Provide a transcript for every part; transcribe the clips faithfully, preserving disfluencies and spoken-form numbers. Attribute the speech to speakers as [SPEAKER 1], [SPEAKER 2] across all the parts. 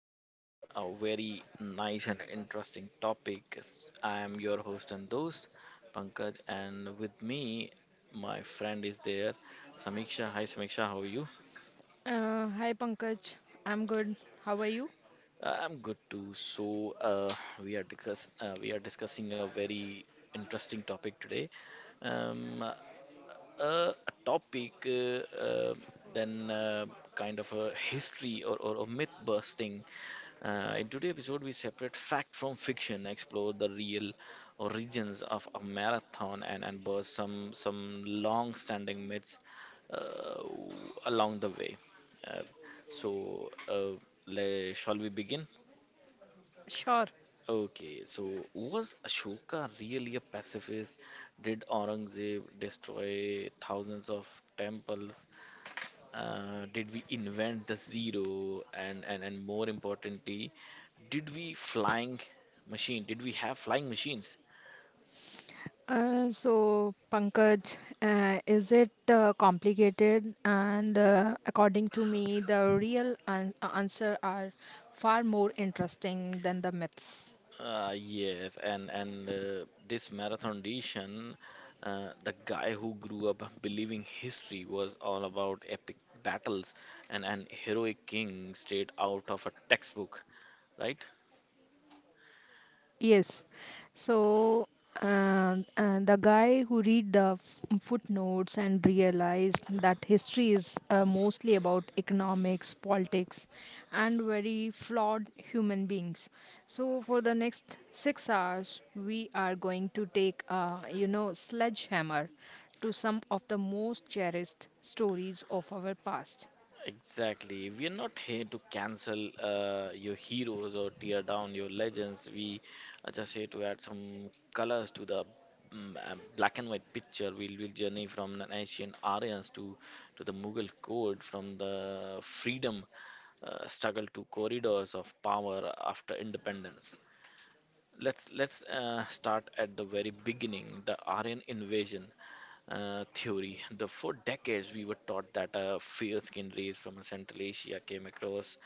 [SPEAKER 1] podcast. A very nice and interesting topic. Yes, I am your host and host, Pankaj, and with me, my friend is there, Samiksha. Hi, Samiksha, how are you?
[SPEAKER 2] Uh, hi Pankaj, I'm good. How are you?
[SPEAKER 1] Uh, I'm good too. So, uh, we are discuss uh, we are discussing a very interesting topic today. Um, a, a topic, uh, uh, then uh, kind of a history or, or, or myth busting. Uh, in today's episode, we separate fact from fiction, explore the real origins of a marathon, and, and burst some, some long standing myths uh, along the way. Uh, so, uh, le- Shall we begin?
[SPEAKER 2] Sure.
[SPEAKER 1] Okay, so was Ashoka really a pacifist? Did Aurangzeb destroy thousands of temples? Uh, did we invent the zero? And, and, and more importantly, did we flying machine? Did we have flying machines?
[SPEAKER 2] Uh, so Pankaj, uh, is it uh, complicated? And uh, according to me, the real an- answer are far more interesting than the myths.
[SPEAKER 1] Uh, yes, and and uh, this marathon edition, uh, the guy who grew up believing history was all about epic battles and an heroic king straight out of a textbook, right?
[SPEAKER 2] Yes. So uh, uh, the guy who read the f- footnotes and realized that history is uh, mostly about economics, politics, and very flawed human beings. So for the next six hours, we are going to take a you know sledgehammer to some of the most cherished stories of our past.
[SPEAKER 1] Exactly. We're not here to cancel uh, your heroes or tear down your legends. We are just here to add some colors to the mm, uh, black and white picture. We'll, we'll journey from an ancient Aryans to, to the Mughal code, from the freedom uh, struggle to corridors of power after independence. Let's let's uh, start at the very beginning, the Aryan invasion uh, theory. The for decades we were taught that a fair-skinned race from Central Asia came across,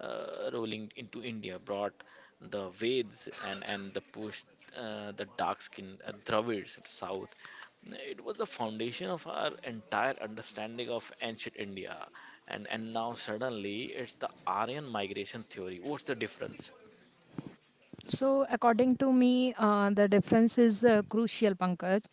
[SPEAKER 1] uh, rolling into India, brought the Veds and and the pushed uh, the dark-skinned uh, Dravids south. It was the foundation of our entire understanding of ancient India, and and now suddenly it's the Aryan migration theory. What's the difference?
[SPEAKER 2] So, according to me, uh, the difference is uh, crucial, Pankaj.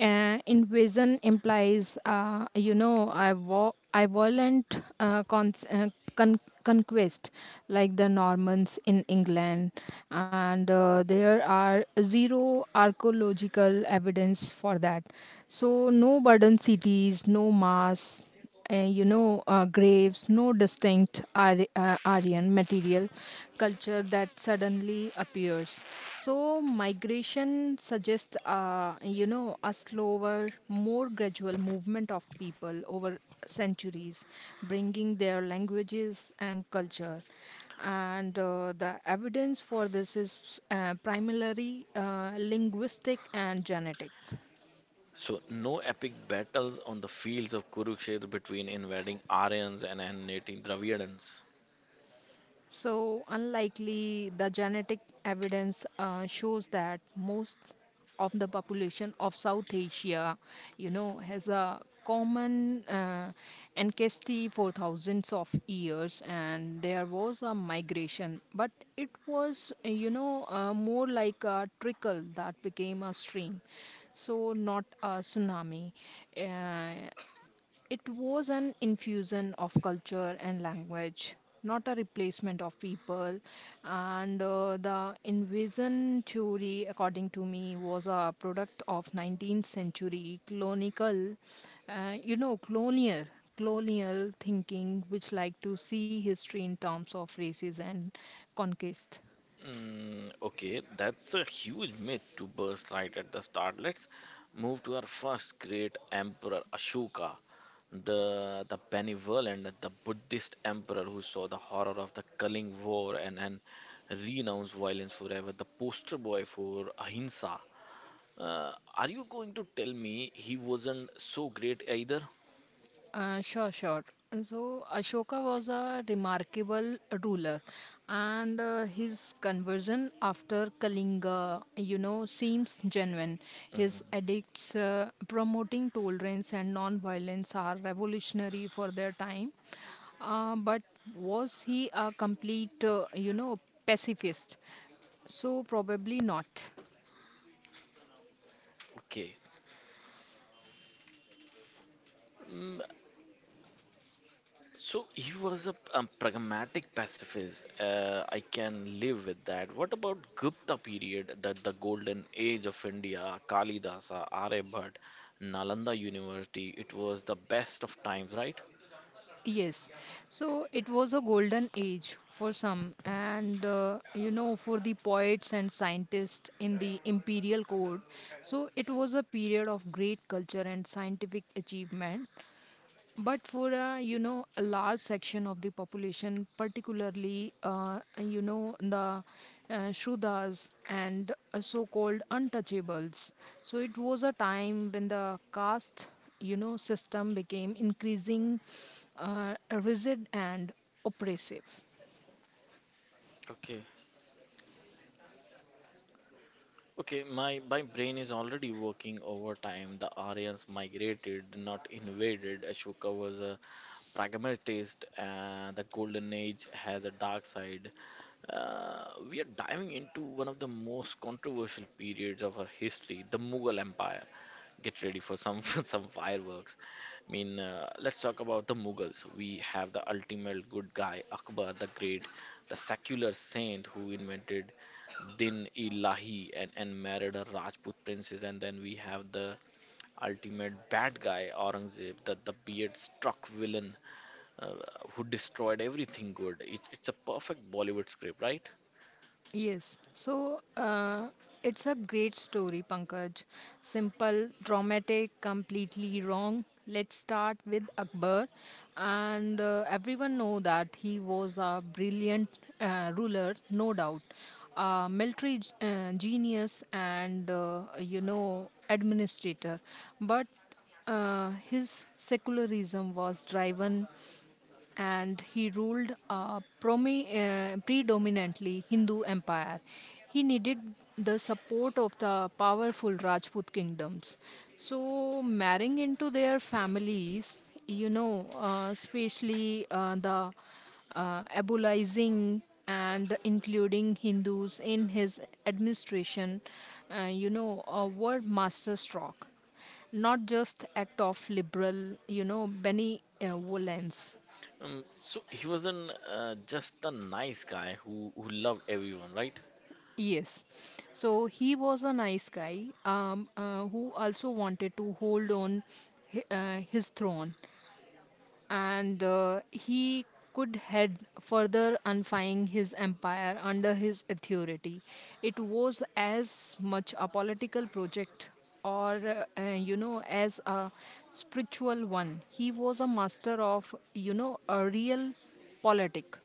[SPEAKER 2] Uh, invasion implies, uh, you know, I, vo- I violent uh, con- uh, con- conquest, like the Normans in England, and uh, there are zero archaeological evidence for that. So, no burdened cities, no mass uh, you know uh, graves, no distinct Ar- uh, aryan material culture that suddenly appears. So migration suggests uh, you know a slower, more gradual movement of people over centuries, bringing their languages and culture, and uh, the evidence for this is uh, primarily uh, linguistic and genetic.
[SPEAKER 1] So, no epic battles on the fields of Kurukshetra between invading Aryans and annihilating Dravidians.
[SPEAKER 2] So, unlikely, the genetic evidence uh, shows that most of the population of South Asia, you know, has a common uh, ancestry for thousands of years, and there was a migration, but it was, uh, you know, uh, more like a trickle that became a stream, so not a tsunami. Uh, it was an infusion of culture and language, not a replacement of people. And uh, the invasion theory, according to me, was a product of nineteenth century colonial, uh, you know, colonial colonial thinking, which like to see history in terms of races and conquest.
[SPEAKER 1] Mm, okay, that's a huge myth to burst right at the start. Let's move to our first great emperor, Ashoka, the the benevolent, and the Buddhist emperor who saw the horror of the Kaling War and, and renounced violence forever, the poster boy for ahimsa. Uh, are you going to tell me he wasn't so great either?
[SPEAKER 2] Uh, sure, sure. So, Ashoka was a remarkable ruler, and uh, his conversion after Kalinga, you know, seems genuine. His
[SPEAKER 1] Mhm.
[SPEAKER 2] edicts uh, promoting tolerance and non violence are revolutionary for their time. Uh, but was he a complete, uh, you know, pacifist? So, probably not.
[SPEAKER 1] Okay. Mm, so he was a, a pragmatic pacifist. Uh, I can live with that. What about Gupta period, That the golden age of India, Kalidasa, Aryabhatta, Nalanda University? It was the best of times, right?
[SPEAKER 2] Yes. So it was a golden age for some, and uh, you know, for the poets and scientists in the imperial court. So it was a period of great culture and scientific achievement. But for uh, you know a large section of the population, particularly uh, you know the uh, Shrudas and uh, so-called untouchables, so it was a time when the caste you know system became increasing uh, rigid and oppressive.
[SPEAKER 1] Okay. Okay, my, my brain is already working overtime. The Aryans migrated, not invaded. Ashoka was a pragmatist, and the Golden Age has a dark side. Uh, we are diving into one of the most controversial periods of our history, the Mughal Empire. Get ready for some some fireworks. I mean, uh, let's talk about the Mughals. We have the ultimate good guy, Akbar the Great, the secular saint who invented Din Ilahi and, and married a Rajput princess. And then we have the ultimate bad guy, Aurangzeb, the, the beard struck villain uh, who destroyed everything good. It, it's a perfect Bollywood script, right?
[SPEAKER 2] Yes, so uh, it's a great story, Pankaj. Simple, dramatic, completely wrong. Let's start with Akbar, and uh, everyone know that he was a brilliant uh, ruler, no doubt, a military g- uh, genius, and uh, you know administrator. But uh, his secularism was driven, and he ruled a promi- uh, predominantly Hindu empire. He needed the support of the powerful Rajput kingdoms. So, marrying into their families, you know, uh, especially uh, the uh, abolishing and including Hindus in his administration, uh, you know, uh, were masterstroke, not just act of liberal, you know, benevolence.
[SPEAKER 1] Um, so he wasn't uh, just a nice guy who, who loved everyone, right?
[SPEAKER 2] Yes. So he was a nice guy, um, uh, who also wanted to hold on hi- uh, his throne, and uh, he could head further unifying his empire under his authority. It was as much a political project or uh, uh, you know as a spiritual one. He was a master of you know a real politic.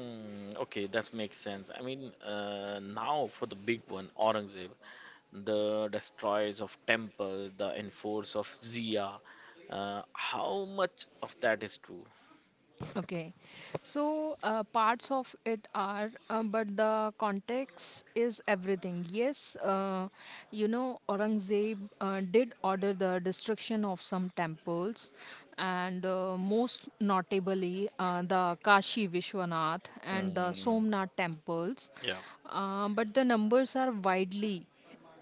[SPEAKER 1] Mm, okay, that makes sense. I mean, uh, now for the big one, Aurangzeb. The destroyers of temple, the enforce of Zia. Uh, how much of that is true?
[SPEAKER 2] Okay, so uh, parts of it are, uh, but the context is everything. Yes, uh, you know, Aurangzeb uh, did order the destruction of some temples, and uh, most notably uh, the Kashi Vishwanath and the
[SPEAKER 1] Mm,
[SPEAKER 2] Somnath temples.
[SPEAKER 1] yeah.
[SPEAKER 2] Um, but the numbers are widely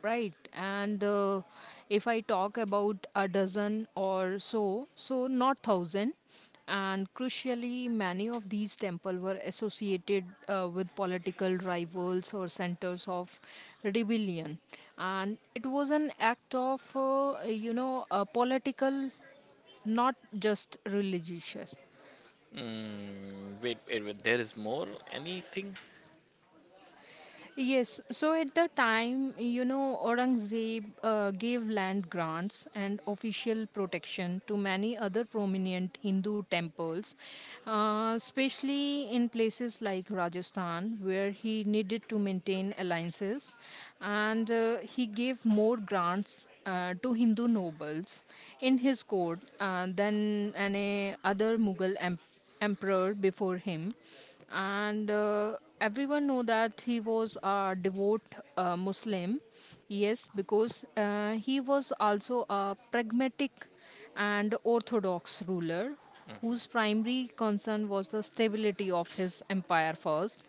[SPEAKER 2] right. And uh, if I talk about a dozen or so, so not thousand, and crucially, many of these temples were associated uh, with political rivals or centers of rebellion. And it was an act of, uh, you know, a political, not just religious.
[SPEAKER 1] Mm, wait, wait, wait, there is more? Anything?
[SPEAKER 2] Yes, so at the time, you know, Aurangzeb uh, gave land grants and official protection to many other prominent Hindu temples, uh, especially in places like Rajasthan, where he needed to maintain alliances, and uh, he gave more grants uh, to Hindu nobles in his court uh, than any other Mughal emperor emperor before him, and uh, everyone know that he was a devout uh, muslim. Yes, because uh, he was also a pragmatic and orthodox ruler,
[SPEAKER 1] Mhm.
[SPEAKER 2] whose primary concern was the stability of his empire first,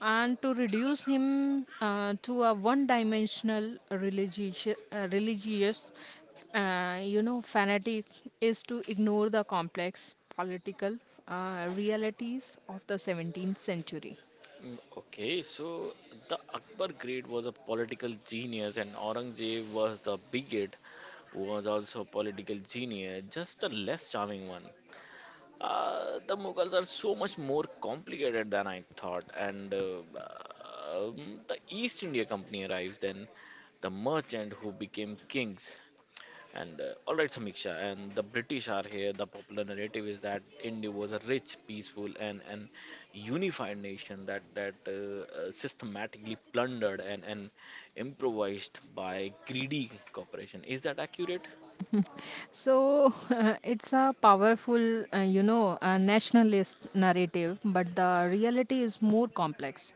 [SPEAKER 2] and to reduce him uh, to a one dimensional religious, uh, religious uh, you know, fanatic is to ignore the complex political uh, realities of the seventeenth century.
[SPEAKER 1] Mm, okay, so the Akbar great was a political genius, and Aurangzeb was the bigot, who was also a political genius, just a less charming one. Uh, the Mughals are so much more complicated than I thought, and uh, um, the East India Company arrives, then the merchant who became kings, and uh, all right, Samiksha, and the British are here. The popular narrative is that India was a rich, peaceful, and and unified nation that that uh, uh, systematically plundered and and improvised by greedy corporation. Is that accurate?
[SPEAKER 2] So it's a powerful, uh, you know, uh, nationalist narrative, but the reality is more complex.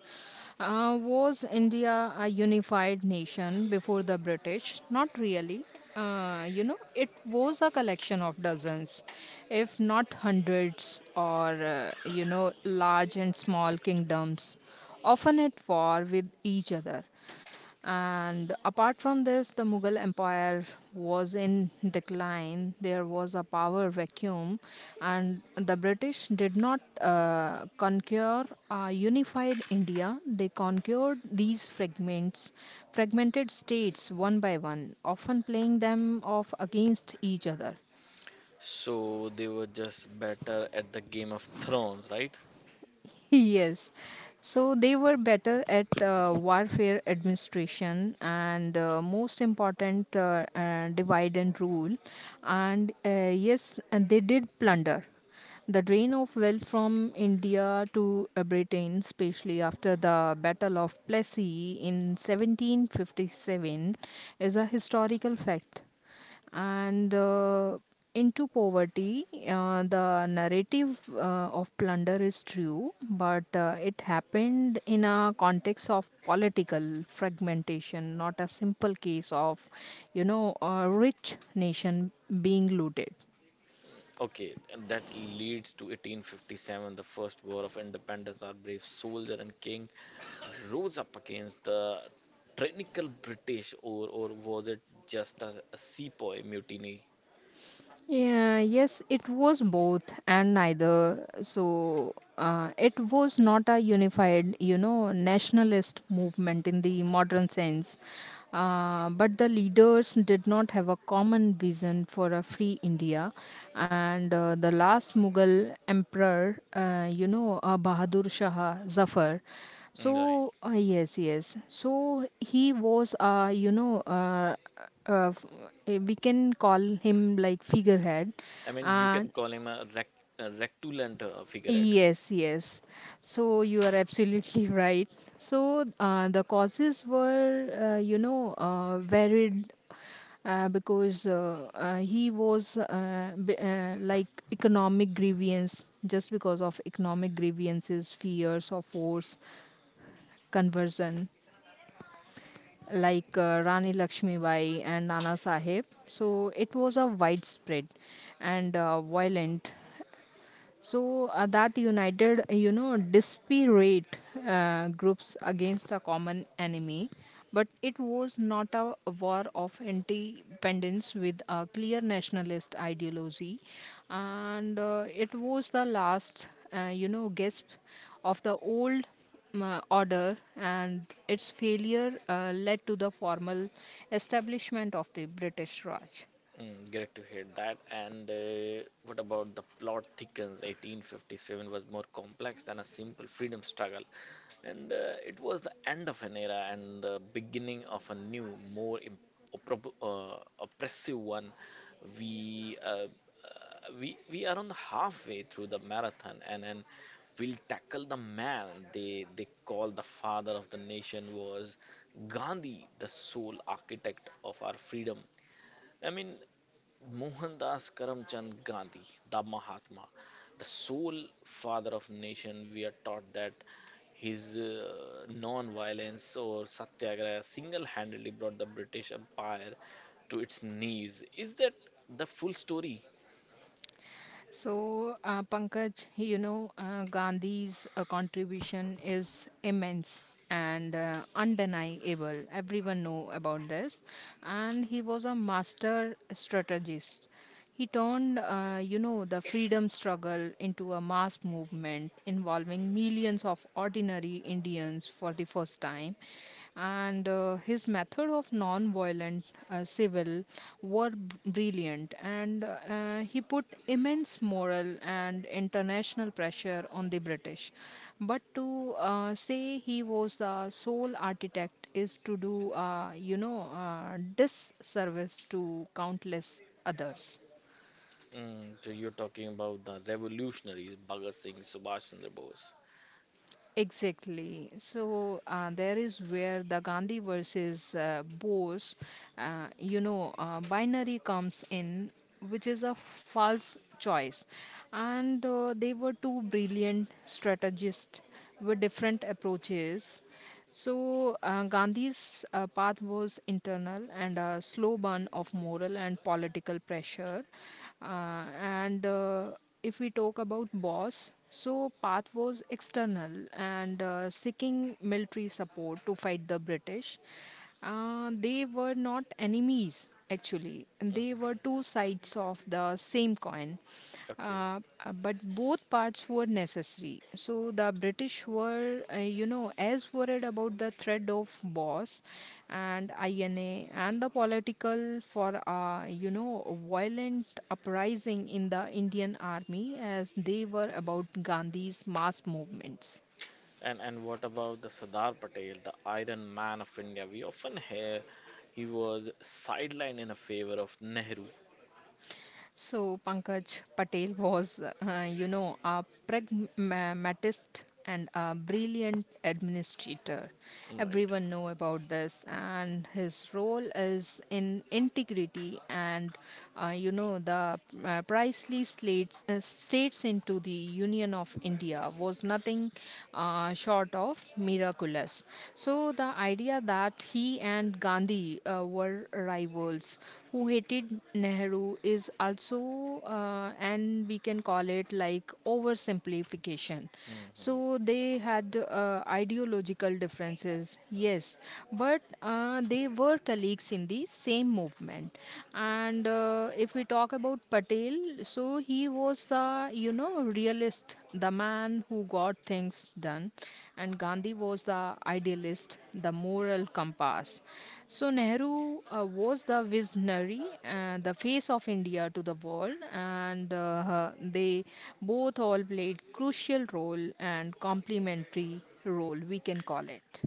[SPEAKER 2] Uh, was India a unified nation before the British? Not really. Uh, you know, it was a collection of dozens, if not hundreds, or, uh, you know, large and small kingdoms, often at war with each other. And apart from this, the Mughal Empire was in decline. There was a power vacuum, and the British did not uh, conquer a unified India. They conquered these fragments, fragmented states one by one, often playing them off against each other.
[SPEAKER 1] So they were just better at the Game of Thrones, right?
[SPEAKER 2] Yes. So they were better at uh, warfare administration and uh, most important uh, uh, divide and rule. And uh, yes, and they did plunder. The drain of wealth from India to uh, Britain, especially after the Battle of Plassey in seventeen fifty-seven, is a historical fact, and uh, into poverty, uh, the narrative uh, of plunder is true, but uh, it happened in a context of political fragmentation, not a simple case of you know a rich nation being looted.
[SPEAKER 1] Okay, and that leads to eighteen fifty-seven, the First War of Independence. Our brave soldier and king rose up against the tyrannical British, or or was it just a, a sepoy mutiny?
[SPEAKER 2] Yeah, yes, it was both and neither. So uh, it was not a unified, you know, nationalist movement in the modern sense. Uh, but the leaders did not have a common vision for a free India. And uh, the last Mughal emperor, uh, you know, uh, Bahadur Shah Zafar,
[SPEAKER 1] Mm, right.
[SPEAKER 2] so uh, yes yes so he was uh, you know uh, uh, f- eh, we can call him like figurehead.
[SPEAKER 1] I mean, you
[SPEAKER 2] uh,
[SPEAKER 1] can call him a rec, a rectulant uh, figurehead.
[SPEAKER 2] yes yes so you are absolutely right. So uh, the causes were uh, you know uh, varied, uh, because uh, uh, he was uh, b- uh, like economic grievance, just because of economic grievances, fears of force conversion, like uh, Rani Lakshmibai and Nana Sahib. So it was a widespread and uh, violent, so uh, that united uh, you know disparate uh, groups against a common enemy, but it was not a war of independence with a clear nationalist ideology. And uh, it was the last uh, you know gasp of the old uh, order, and its failure uh, led to the formal establishment of the British Raj.
[SPEAKER 1] Mm, great to hear that. And uh, what about the plot thickens? eighteen fifty-seven was more complex than a simple freedom struggle, and uh, it was the end of an era and the beginning of a new, more imp oppro- uh, oppressive one. We uh, uh, we we are on the halfway through the marathon, and and we'll tackle the man they they call the father of the nation was Gandhi, the sole architect of our freedom. I mean, Mohandas Karamchand Gandhi, the Mahatma, the sole father of nation, we are taught that his uh, non-violence or satyagraha single-handedly brought the British Empire to its knees. Is that the full story?
[SPEAKER 2] So, uh, Pankaj, you know, uh, Gandhi's uh, contribution is immense and uh, undeniable. Everyone know about this, and he was a master strategist. He turned, uh, you know, the freedom struggle into a mass movement involving millions of ordinary Indians for the first time, and uh, his method of non-violent uh, civil were b- brilliant, and uh, he put immense moral and international pressure on the British, but to uh, say he was the sole architect is to do uh, you know uh, disservice to countless others.
[SPEAKER 1] Mm, so you're talking about the revolutionaries, Bhagat Singh, Subhash Chandra Bose.
[SPEAKER 2] Exactly. So uh, there is where the Gandhi versus uh, Bose, uh, you know, uh, binary comes in, which is a false choice. And uh, they were two brilliant strategists with different approaches. So uh, Gandhi's uh, path was internal and a slow burn of moral and political pressure, uh, and. Uh, if we talk about boss, so Path was external and uh, seeking military support to fight the British. Uh, they were not enemies actually, and they were
[SPEAKER 1] Mhm.
[SPEAKER 2] two sides of the same coin.
[SPEAKER 1] Okay.
[SPEAKER 2] Uh, uh, but both parts were were necessary. So the British were, uh, you know, as worried about the threat of Boss and I N A and the political for, uh, you know, violent uprising in the Indian army as they were about Gandhi's mass movements.
[SPEAKER 1] And and what about the Sardar Patel, the Iron Man of India? We often hear he was sidelined in a favor of Nehru.
[SPEAKER 2] So Pankaj, Patel was, uh, you know, a pragmatist and a brilliant administrator.
[SPEAKER 1] Right.
[SPEAKER 2] Everyone know about this, and his role is in integrity and, uh, you know, the uh, priceless slates, uh, states into the Union of India was nothing uh, short of miraculous. So the idea that he and Gandhi uh, were rivals who hated Nehru is also, uh, and we can call it like oversimplification.
[SPEAKER 1] Mhm.
[SPEAKER 2] So they had uh, ideological differences, yes, but uh, they were colleagues in the same movement. And uh, if we talk about Patel, so he was the, you know, realist, the man who got things done, and Gandhi was the idealist, the moral compass. So Nehru uh, was the visionary, uh, the face of India to the world, and uh, they both all played crucial role and complementary role, we can call it.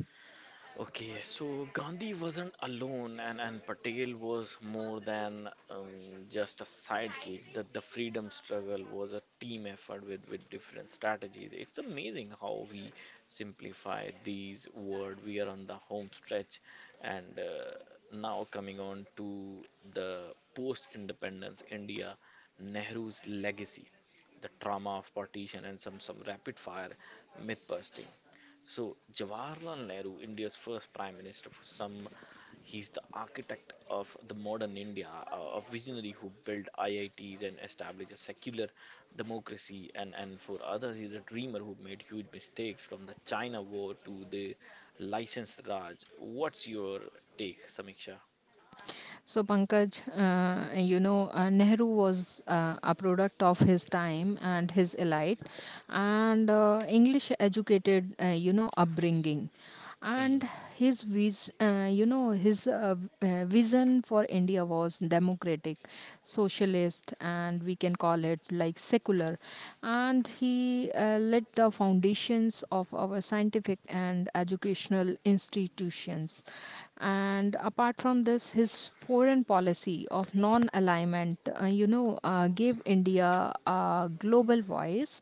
[SPEAKER 1] Okay, so Gandhi wasn't alone, and, and Patel was more than um, just a sidekick. The, the freedom struggle was a team effort with, with different strategies. It's amazing how we simplify these words. We are on the home stretch, and uh, now coming on to the post-independence India, Nehru's legacy, the trauma of partition, and some, some rapid fire myth busting. So, Jawaharlal Nehru, India's first prime minister, for some, he's the architect of the modern India, a a visionary who built I I Ts and established a secular democracy. And, and for others, he's a dreamer who made huge mistakes from the China war to the license Raj. What's your take, Samiksha?
[SPEAKER 2] So, Pankaj, uh, you know, uh, Nehru was uh, a product of his time and his elite and uh, English educated, uh, you know, upbringing. And
[SPEAKER 1] Mm.
[SPEAKER 2] his, vis- uh, you know, his uh, v- uh, vision for India was democratic, socialist, and we can call it like secular. And he uh, laid the foundations of our scientific and educational institutions, and apart from this, his foreign policy of non alignment, uh, you know, uh, gave India a global voice,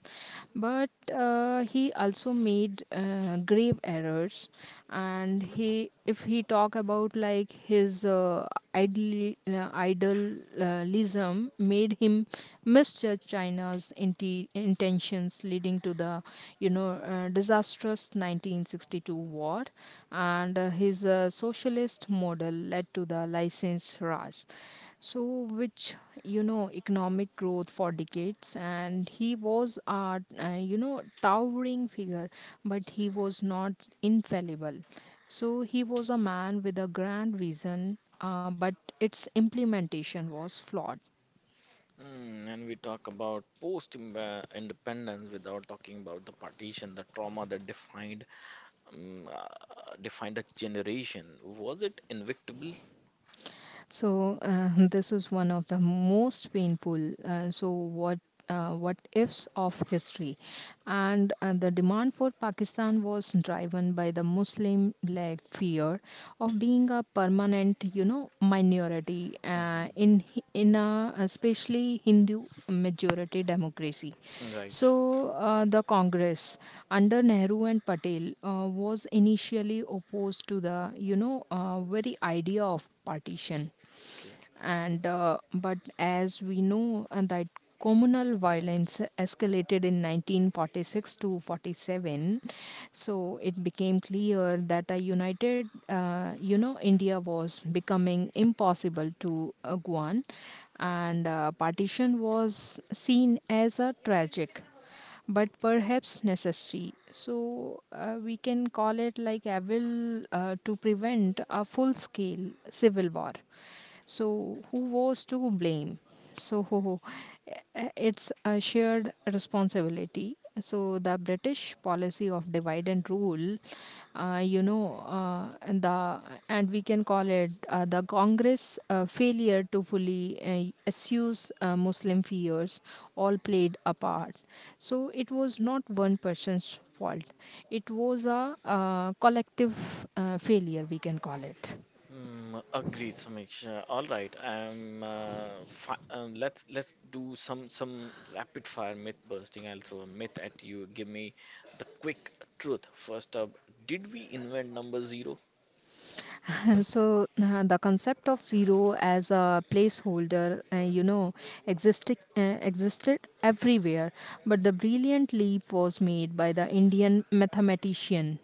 [SPEAKER 2] but uh, he also made uh, grave errors. And he, if he talk about like his uh, idol, uh, idealism, made him misjudge China's inti- intentions, leading to the you know uh, disastrous nineteen sixty-two war, and uh, his uh, socialist model led to the license Raj. So, which you know, economic growth for decades, and he was a uh, you know towering figure, but he was not infallible. So he was a man with a grand vision, uh, but its implementation was flawed.
[SPEAKER 1] Mm, and we talk about post-independence without talking about the partition, the trauma that defined um, uh, defined a generation. Was it invictable?
[SPEAKER 2] So uh, this is one of the most painful. Uh, so what? Uh, what ifs of history, and uh, the demand for pakistan was driven by the muslim led fear of being a permanent you know minority uh,
[SPEAKER 1] Hmm.
[SPEAKER 2] in in a especially hindu majority democracy.
[SPEAKER 1] Right.
[SPEAKER 2] So, uh, the Congress under Nehru and Patel uh, was initially opposed to the, you know, uh, very idea of partition,
[SPEAKER 1] Okay.
[SPEAKER 2] and uh, but as we know uh, that communal violence escalated in nineteen forty-six to forty-seven, so it became clear that a united uh, you know india was becoming impossible to uh, guan, and uh, partition was seen as a tragic but perhaps necessary. So uh, we can call it like evil uh, to prevent a full scale civil war. So who was to blame? So it's a shared responsibility. So the british policy of divide and rule, uh, you know uh, and the and we can call it uh, the congress uh, failure to fully uh, assuage uh, muslim fears, all played a part. So it was not one person's fault, it was a uh, collective uh, failure, we can call it.
[SPEAKER 1] Mm, agreed, Samiksha. All right, um, uh, fi um, let's let's do some some rapid fire myth busting. I'll throw a myth at you. Give me the quick truth. First up, did we invent number zero?
[SPEAKER 2] So uh, the concept of zero as a placeholder, uh, you know existed uh, existed everywhere, but the brilliant leap was made by the indian mathematician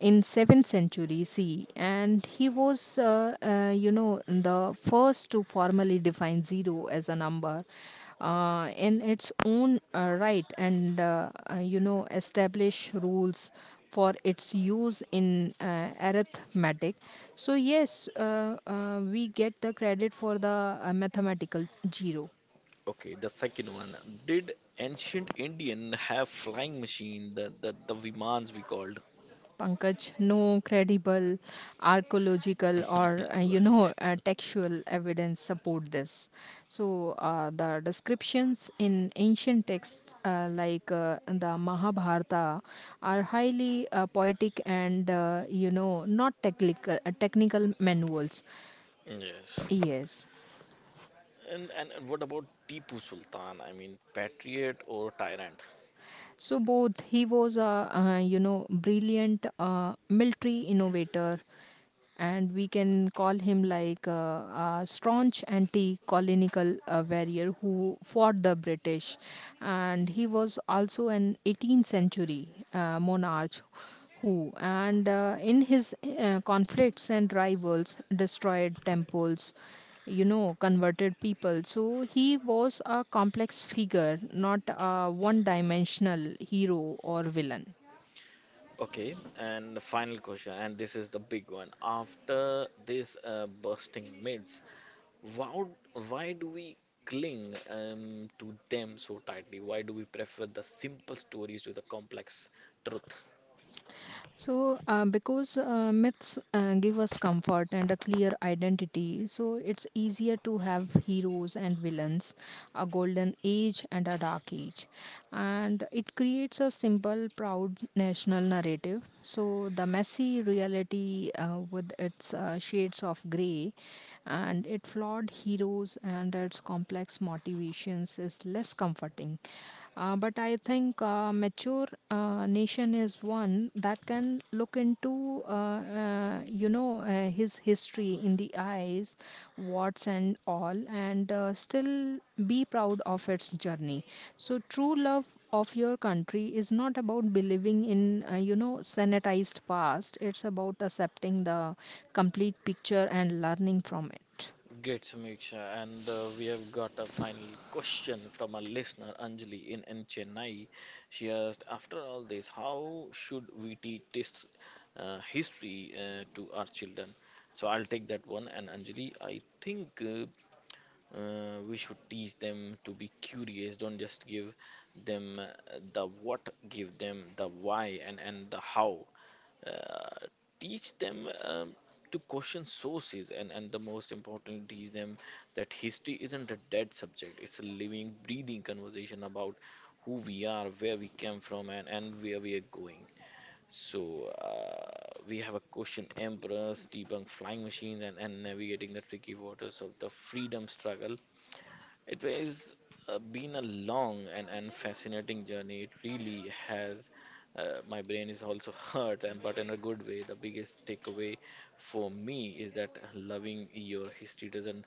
[SPEAKER 2] in seventh century C E, and he was uh, uh, you know the first to formally define zero as a number uh, in its own uh, right, and uh, uh, you know establish rules for its use in uh, arithmetic. So yes, uh, uh, we get the credit for the uh, mathematical zero.
[SPEAKER 1] Okay, the second one, did ancient Indian have flying machine, the the the vimans we called?
[SPEAKER 2] Pankaj, no credible archaeological or uh, you
[SPEAKER 1] Right.
[SPEAKER 2] know uh, textual evidence support this. So uh, the descriptions in ancient texts uh, like uh, the Mahabharata are highly uh, poetic and uh, you know not technical uh, technical manuals.
[SPEAKER 1] Yes.
[SPEAKER 2] Yes.
[SPEAKER 1] And, and and what about Tipu Sultan? I mean, patriot or tyrant?
[SPEAKER 2] So both, he was a uh, you know brilliant uh, military innovator, and we can call him like uh, a staunch anti-colonial uh, warrior who fought the British, and he was also an eighteenth century uh, monarch who and uh, in his uh, conflicts and rivals destroyed temples, you know, converted people. So he was a complex figure, not a one dimensional hero or villain.
[SPEAKER 1] Okay, and the final question, and this is the big one. After this uh, bursting myths, why why do we cling um, to them so tightly? Why do we prefer the simple stories to the complex truth?
[SPEAKER 2] So, uh, because uh, myths uh, give us comfort and a clear identity, so it's easier to have heroes and villains, a golden age and a dark age. And it creates a simple, proud national narrative. So, the messy reality uh, with its uh, shades of grey and its flawed heroes and its complex motivations is less comforting. Uh, but I think uh, mature uh, nation is one that can look into uh, uh, you know uh, his history in the eyes, what's and all, and uh, still be proud of its journey. So true love of your country is not about believing in uh, you know sanitized past. It's about accepting the complete picture and learning from it.
[SPEAKER 1] Great, Samiksha. And uh, we have got a final question from a listener, Anjali, in, in Chennai. She asked, after all this, how should we teach this uh, history uh, to our children? So I'll take that one. And Anjali, I think uh, uh, we should teach them to be curious. Don't just give them uh, the what, give them the why and, and the how. Uh, teach them um, to question sources and and the most important teach them that history isn't a dead subject. It's a living breathing conversation about who we are, where we came from, and and where we are going. So uh, we have a question emperors debunk flying machines, and, and navigating the tricky waters of the freedom struggle. It has uh, been a long and, and fascinating journey. It really has. Uh, my brain is also hurt, and but in a good way. The biggest takeaway for me is that loving your history doesn't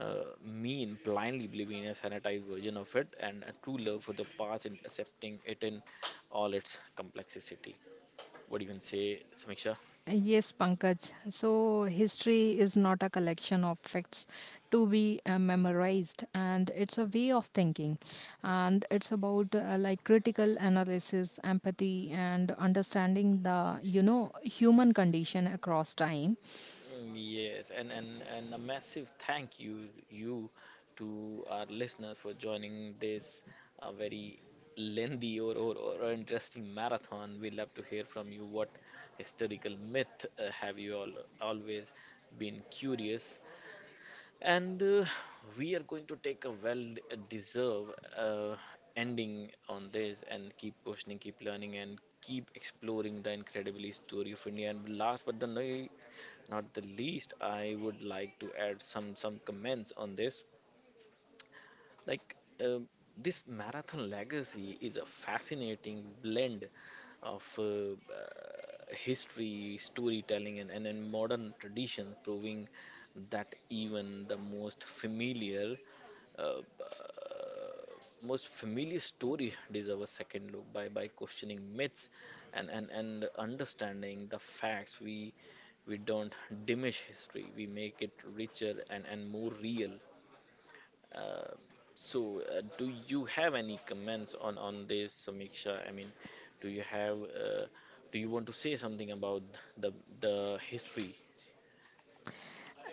[SPEAKER 1] uh, mean blindly believing in a sanitized version of it, and a true love for the past and accepting it in all its complexity. What do you can say, Samiksha?
[SPEAKER 2] Yes, Pankaj. So, history is not a collection of facts to be uh, memorized, and it's a way of thinking. And it's about uh, like critical analysis, empathy, and understanding the you know human condition across time.
[SPEAKER 1] Mm, yes, and, and, and a massive thank you you to our listeners for joining this uh, very lengthy or, or, or interesting marathon. We love to hear from you. What historical myth uh, have you all always been curious and uh, we are going to take a well deserved uh, ending on this and keep questioning, keep learning, and keep exploring the incredibly story of India. And last but the no, not the least, I would like to add some some comments on this. Like um, this marathon legacy is a fascinating blend of uh, uh, history, storytelling, and, and, and modern tradition, proving that even the most familiar, uh, uh, most familiar story deserves a second look by, by questioning myths and, and, and understanding the facts. We we don't diminish history; we make it richer and, and more real. Uh, so, uh, do you have any comments on on this, Samiksha? I mean, do you have uh, do you want to say something about the the history?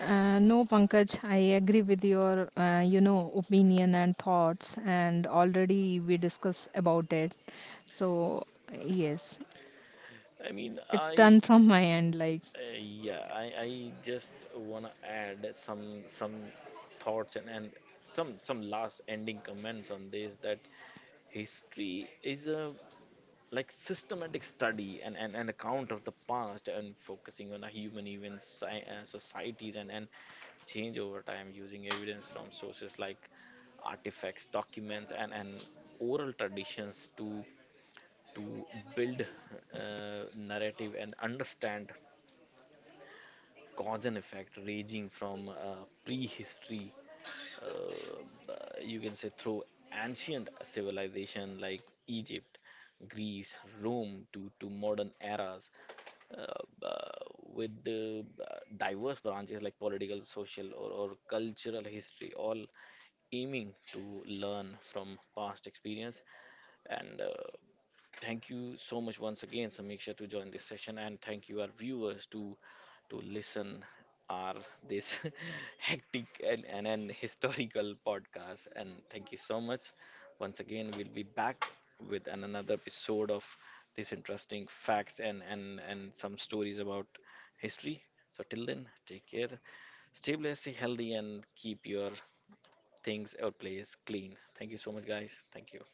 [SPEAKER 2] Uh, no, Pankaj, I agree with your uh, you know opinion and thoughts, and already we discussed about it. So, yes,
[SPEAKER 1] I mean,
[SPEAKER 2] it's
[SPEAKER 1] I
[SPEAKER 2] done from my end. Like.
[SPEAKER 1] uh, yeah, I I just wanna add some some thoughts and and some some last ending comments on this that history is a like systematic study and and an account of the past and focusing on a human events, sci- uh, societies and and change over time using evidence from sources like artifacts, documents, and, and oral traditions to to build uh, narrative and understand cause and effect ranging from uh, prehistory uh, you can say through ancient civilization like Egypt, Greece, Rome to, to modern eras uh, uh, with the uh, diverse branches like political social or, or cultural history all aiming to learn from past experience. And uh, thank you so much once again, Samiksha, to join this session, and thank you our viewers to to listen our this hectic and, and, and historical podcast. And thank you so much once again. We'll be back with an, another episode of these interesting facts and and and some stories about history. So till then, take care, stay blessed, stay healthy, and keep your things or place clean. Thank you so much, guys. Thank you.